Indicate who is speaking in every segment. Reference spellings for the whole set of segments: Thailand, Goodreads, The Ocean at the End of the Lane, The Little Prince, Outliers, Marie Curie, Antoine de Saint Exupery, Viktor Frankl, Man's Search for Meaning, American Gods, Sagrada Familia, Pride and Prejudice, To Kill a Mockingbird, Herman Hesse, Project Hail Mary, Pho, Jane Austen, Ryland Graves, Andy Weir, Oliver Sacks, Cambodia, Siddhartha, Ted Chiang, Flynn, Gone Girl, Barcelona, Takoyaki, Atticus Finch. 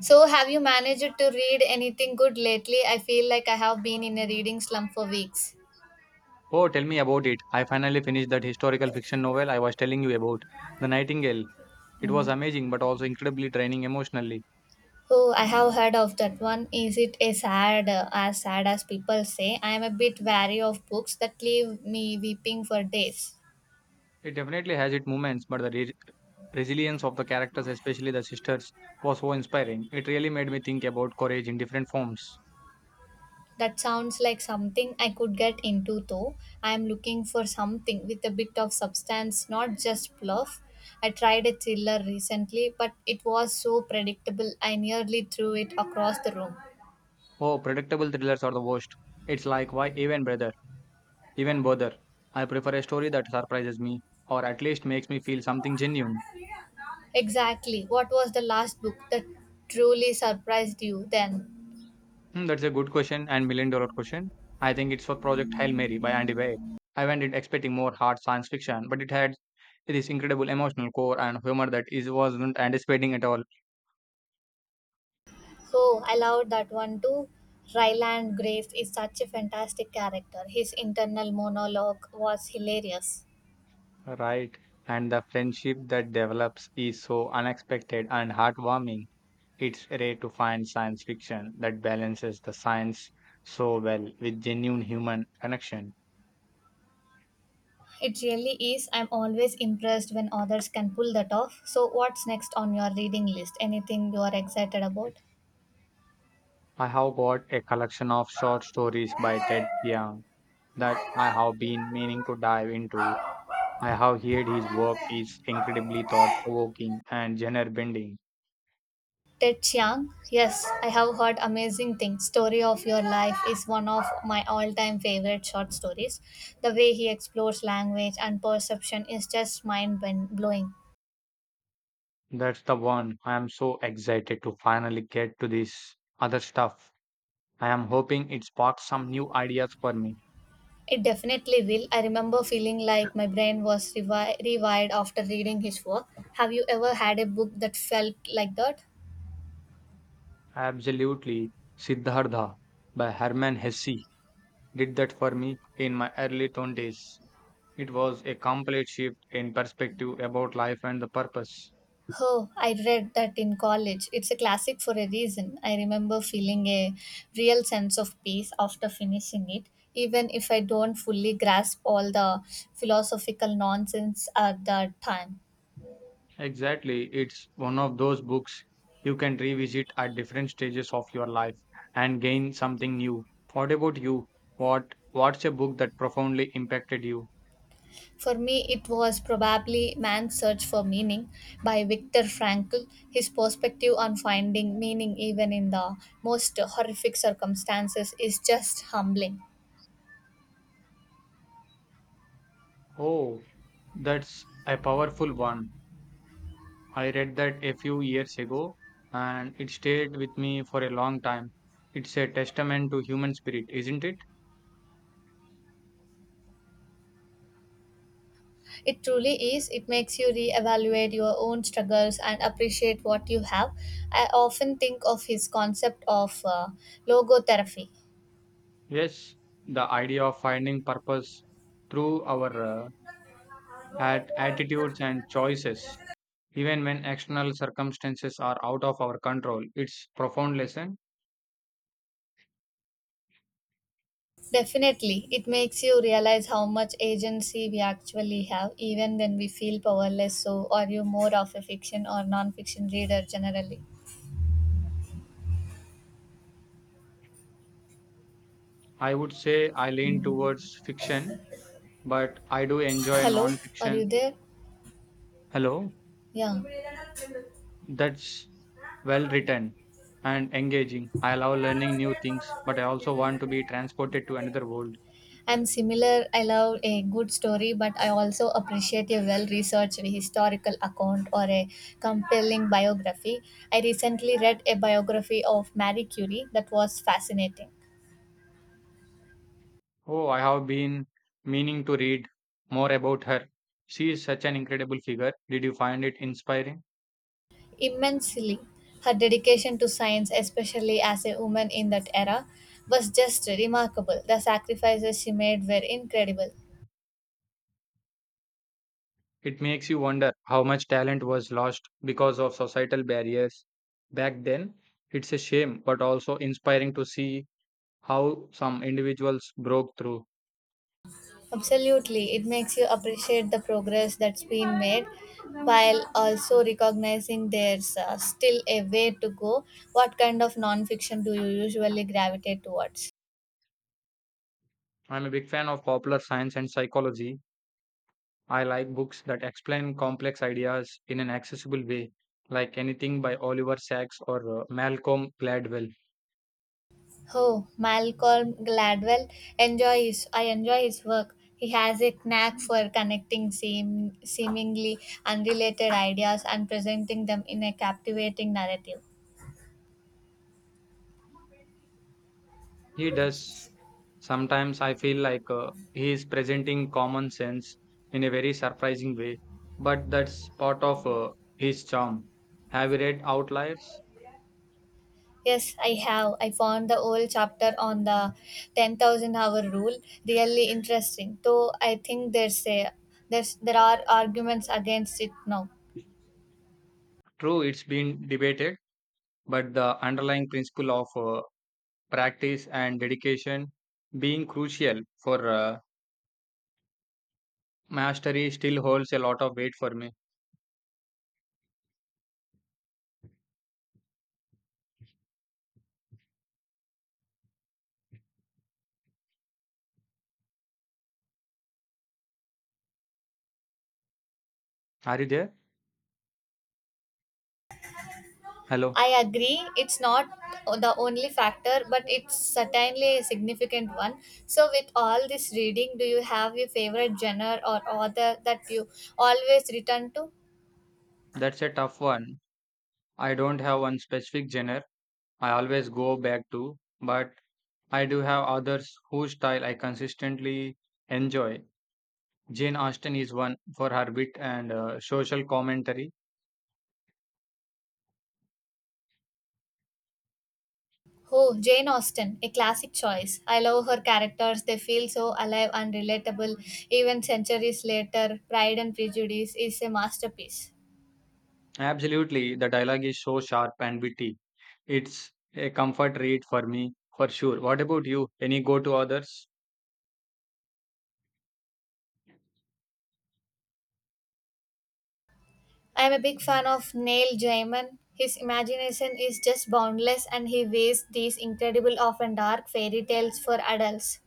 Speaker 1: So, have you managed to read anything good lately? I feel like I have been in a reading slump for weeks.
Speaker 2: Oh, tell me about it. I finally finished that historical fiction novel I was telling you about, The Nightingale. It was amazing but also incredibly draining emotionally.
Speaker 1: Oh, I have heard of that one. Is it as sad as sad as people say? I am a bit wary of books that leave me weeping for days.
Speaker 2: It definitely has its moments, but the resilience of the characters, especially the sisters, was so inspiring. It really made me think about courage in different forms.
Speaker 1: That sounds like something I could get into though. I am looking for something with a bit of substance, not just fluff. I tried a thriller recently, but it was so predictable I nearly threw it across the room.
Speaker 2: Oh, predictable thrillers are the worst. It's like, why even bother. I prefer a story that surprises me or at least makes me feel something genuine.
Speaker 1: Exactly. What was the last book that truly surprised you then?
Speaker 2: Hmm, that's a good question and million dollar question. I think it's for Project Hail Mary by Andy Weir. I went in expecting more hard science fiction, but it had this incredible emotional core and humor that is wasn't anticipating at all.
Speaker 1: Oh, I loved that one too. Ryland Graves is such a fantastic character. His internal monologue was hilarious.
Speaker 2: Right. And the friendship that develops is so unexpected and heartwarming. It's rare to find science fiction that balances the science so well with genuine human connection.
Speaker 1: It really is. I'm always impressed when others can pull that off. So, what's next on your reading list? Anything you are excited about?
Speaker 2: I have got a collection of short stories by Ted Chiang that I have been meaning to dive into. I have heard his work is incredibly thought provoking and genre bending.
Speaker 1: Ted Chiang, yes, I have heard amazing things. Story of Your Life is one of my all time favorite short stories. The way he explores language and perception is just mind blowing.
Speaker 2: That's the one I am so excited to finally get to this other stuff. I am hoping it sparks some new ideas for me.
Speaker 1: It definitely will. I remember feeling like my brain was rewired after reading his work. Have you ever had a book that felt like that?
Speaker 2: Absolutely. Siddhartha by Herman Hesse did that for me in my early 20s. It was a complete shift in perspective about life and the purpose.
Speaker 1: Oh, I read that in college. It's a classic for a reason. I remember feeling a real sense of peace after finishing it, even if I don't fully grasp all the philosophical nonsense at that time.
Speaker 2: Exactly. It's one of those books you can revisit at different stages of your life and gain something new. What about you? What's a book that profoundly impacted you?
Speaker 1: For me, it was probably Man's Search for Meaning by Viktor Frankl. His perspective on finding meaning even in the most horrific circumstances is just humbling.
Speaker 2: Oh, that's a powerful one. I read that a few years ago and it stayed with me for a long time. It's a testament to human spirit, isn't it?
Speaker 1: It truly is. It makes you reevaluate your own struggles and appreciate what you have. I often think of his concept of logotherapy.
Speaker 2: Yes, the idea of finding purpose through our at attitudes and choices, even when external circumstances are out of our control. It's profound lesson.
Speaker 1: Definitely, it makes you realize how much agency we actually have, even when we feel powerless. So, are you more of a fiction or non fiction reader generally?
Speaker 2: I would say I lean towards fiction, but I do enjoy
Speaker 1: Hello, are you
Speaker 2: non-fiction.
Speaker 1: there?
Speaker 2: Hello,
Speaker 1: Yeah.
Speaker 2: that's well written and engaging. I love learning new things, but I also want to be transported to another world.
Speaker 1: I'm similar. I love a good story, but I also appreciate a well researched historical account or a compelling biography. I recently read a biography of Marie Curie that was fascinating.
Speaker 2: Oh, I have been meaning to read more about her. She is such an incredible figure. Did you find it inspiring?
Speaker 1: Immensely, her dedication to science, especially as a woman in that era, was just remarkable. The sacrifices she made were incredible.
Speaker 2: It makes you wonder how much talent was lost because of societal barriers back then. It's a shame, but also inspiring to see how some individuals broke through.
Speaker 1: Absolutely, it makes you appreciate the progress that's been made while also recognizing there's still a way to go. What kind of non-fiction do you usually gravitate towards?
Speaker 2: I'm a big fan of popular science and psychology. I like books that explain complex ideas in an accessible way, like anything by Oliver Sacks or Malcolm Gladwell.
Speaker 1: Oh, Malcolm Gladwell I enjoy his work. He has a knack for connecting seemingly unrelated ideas and presenting them in a captivating narrative.
Speaker 2: He does. Sometimes I feel like he is presenting common sense in a very surprising way, but that's part of his charm. Have you read Outliers?
Speaker 1: Yes, I have. I found the whole chapter on the 10,000 hour rule really interesting. Though I think there's there are arguments against it now.
Speaker 2: True, it's been debated, but the underlying principle of practice and dedication being crucial for mastery still holds a lot of weight for me. Are you there? Hello.
Speaker 1: I agree it's not the only factor, but it's certainly a significant one. So with all this reading, do you have your favorite genre or author that you always return to?
Speaker 2: That's a tough one. I don't have one specific genre I always go back to, but I do have others whose style I consistently enjoy. Jane Austen is one for her wit and social commentary.
Speaker 1: Oh, Jane Austen, a classic choice. I love her characters. They feel so alive and relatable. Even centuries later, Pride and Prejudice is a masterpiece.
Speaker 2: Absolutely, the dialogue is so sharp and witty. It's a comfort read for me, for sure. What about you? Any go to authors?
Speaker 1: I am a big fan of Neil Gaiman. His imagination is just boundless and he weaves these incredible, often dark fairy tales for adults.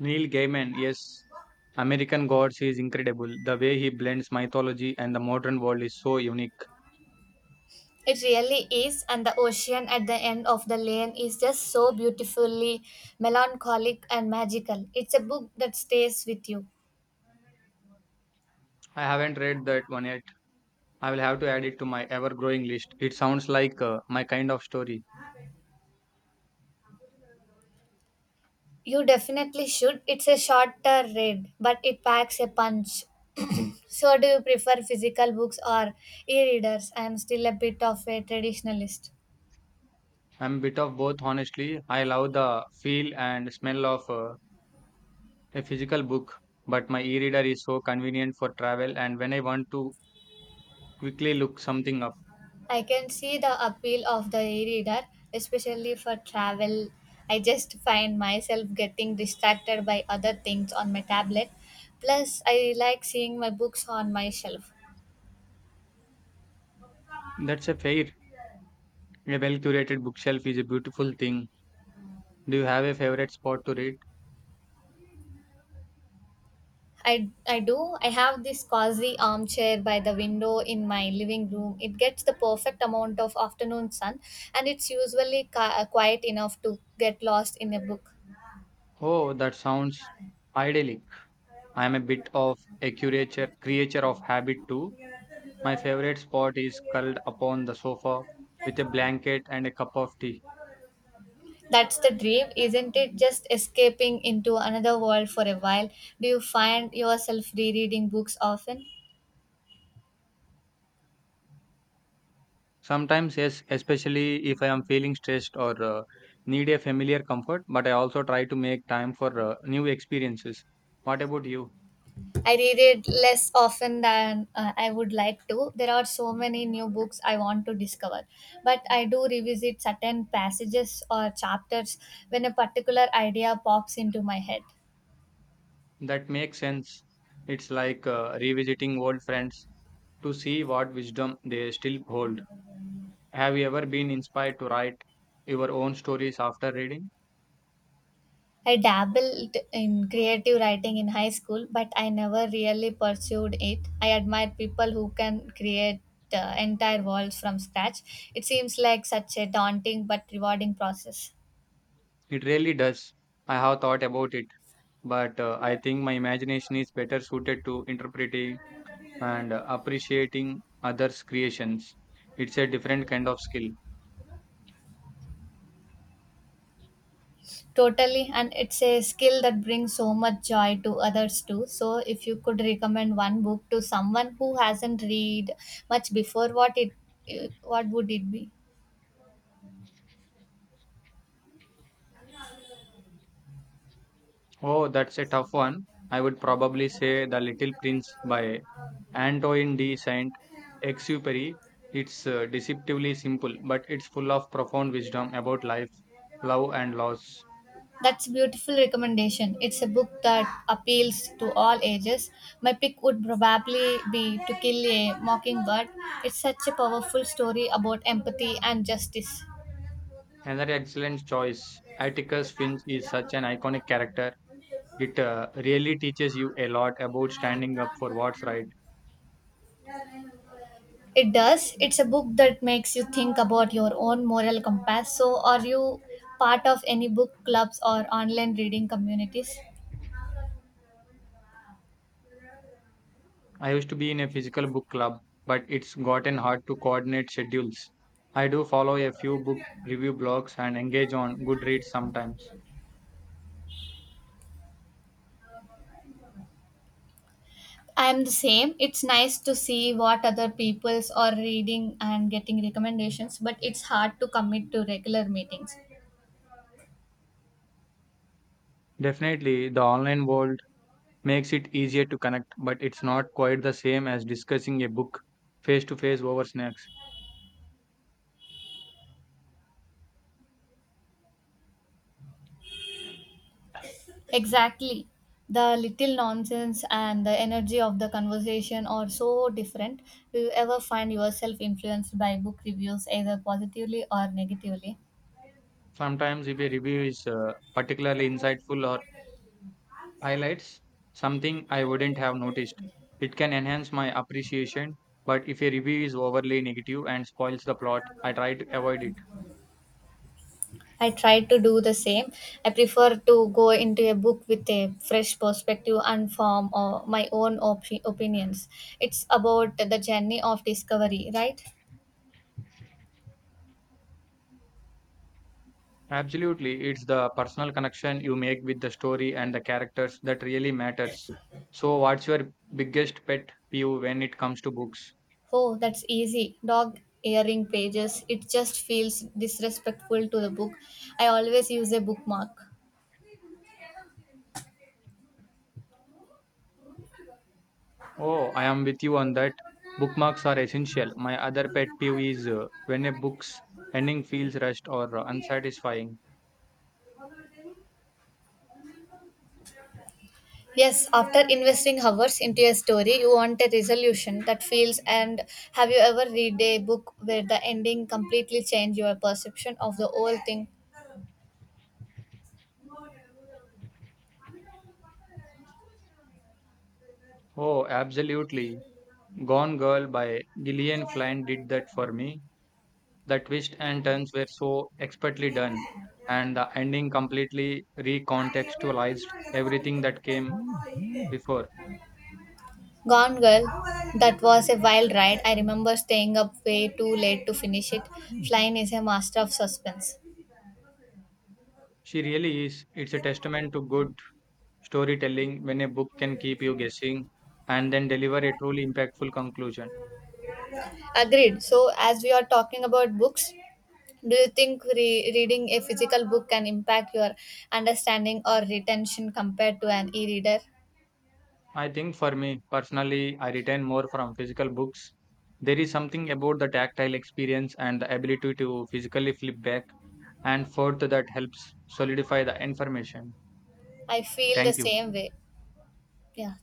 Speaker 2: Neil Gaiman, yes. American Gods is incredible. The way he blends mythology and the modern world is so unique.
Speaker 1: It really is, and the ocean at the end of the lane is just so beautifully melancholic and magical. It's a book that stays with you.
Speaker 2: I haven't read that one yet. I will have to add it to my ever growing list. It sounds like my kind of story.
Speaker 1: You definitely should. It's a shorter read, but it packs a punch. So, do you prefer physical books or e readers? I'm still a bit of a traditionalist.
Speaker 2: I'm a bit of both, honestly. I love the feel and smell of a physical book, but my e-reader is so convenient for travel and when I want to quickly look something up.
Speaker 1: I can see the appeal of the e reader, especially for travel. I just find myself getting distracted by other things on my tablet. Plus, I like seeing my books on my shelf.
Speaker 2: That's a fair. A well-curated bookshelf is a beautiful thing. Do you have a favorite spot to read?
Speaker 1: I do. I have this cozy armchair by the window in my living room. It gets the perfect amount of afternoon sun and it's usually quiet enough to get lost in a book.
Speaker 2: Oh, that sounds idyllic. I'm a bit of creature of habit too. My favorite spot is curled upon the sofa with a blanket and a cup of tea.
Speaker 1: That's the dream, isn't it? Just escaping into another world for a while. Do you find yourself rereading books often?
Speaker 2: Sometimes, yes, especially if I am feeling stressed or need a familiar comfort, but I also try to make time for new experiences. What about you?
Speaker 1: I read it less often than I would like to. There are so many new books I want to discover, but I do revisit certain passages or chapters when a particular idea pops into my head.
Speaker 2: That makes sense. It's like revisiting old friends to see what wisdom they still hold. Have you ever been inspired to write your own stories after reading?
Speaker 1: I dabbled in creative writing in high school, but I never really pursued it. I admire people who can create entire worlds from scratch. It seems like such a daunting but rewarding process.
Speaker 2: It really does. I have thought about it, but I think my imagination is better suited to interpreting and appreciating others' creations. It's a different kind of skill.
Speaker 1: Totally, and it's a skill that brings so much joy to others too. So, if you could recommend one book to someone who hasn't read much before, what it what would it be?
Speaker 2: Oh, that's a tough one. I would probably say The Little Prince by Antoine de Saint Exupery. It's deceptively simple, but it's full of profound wisdom about life, love, and loss.
Speaker 1: That's beautiful recommendation. It's a book that appeals to all ages. My pick would probably be To Kill a Mockingbird. It's such a powerful story about empathy and justice.
Speaker 2: Another excellent choice. Atticus Finch is such an iconic character. It really teaches you a lot about standing up for what's right.
Speaker 1: It does. It's a book that makes you think about your own moral compass. So, are you part of any book clubs or online reading communities?
Speaker 2: I used to be in a physical book club, but it's gotten hard to coordinate schedules. I do follow a few book review blogs and engage on Goodreads sometimes.
Speaker 1: I am the same. It's nice to see what other people's are reading and getting recommendations, but it's hard to commit to regular meetings.
Speaker 2: Definitely, the online world makes it easier to connect, but it's not quite the same as discussing a book face to face over snacks.
Speaker 1: Exactly. The little nonsense and the energy of the conversation are so different. Do you ever find yourself influenced by book reviews, either positively or negatively?
Speaker 2: Sometimes, if a review is particularly insightful or highlights something I wouldn't have noticed, it can enhance my appreciation. But if a review is overly negative and spoils the plot, I try to avoid it.
Speaker 1: I try to do the same. I prefer to go into a book with a fresh perspective and form my own opinions. It's about the journey of discovery, right?
Speaker 2: Absolutely, it's the personal connection you make with the story and the characters that really matters. So, what's your biggest pet peeve when it comes to books?
Speaker 1: Oh, that's easy. Dog earring pages. It just feels disrespectful to the book. I always use a bookmark.
Speaker 2: Oh, I am with you on that. Bookmarks are essential. My other pet peeve is when a book's ending feels rushed or unsatisfying.
Speaker 1: Yes, after investing hours into a story, you want a resolution that feels and have you ever read a book where the ending completely changed your perception of the whole thing?
Speaker 2: Oh, absolutely. Gone Girl by Gillian Flynn did that for me. The twists and turns were so expertly done, and the ending completely recontextualized everything that came before.
Speaker 1: Gone Girl, that was a wild ride. I remember staying up way too late to finish it. Flynn is a master of suspense.
Speaker 2: She really is. It's a testament to good storytelling when a book can keep you guessing and then deliver a truly impactful conclusion.
Speaker 1: Agreed. So, as we are talking about books, do you think reading a physical book can impact your understanding or retention compared to an e reader?
Speaker 2: I think for me personally, I retain more from physical books. There is something about the tactile experience and the ability to physically flip back and forth that helps solidify the information.
Speaker 1: I feel the
Speaker 2: Thank you.
Speaker 1: same way. 不要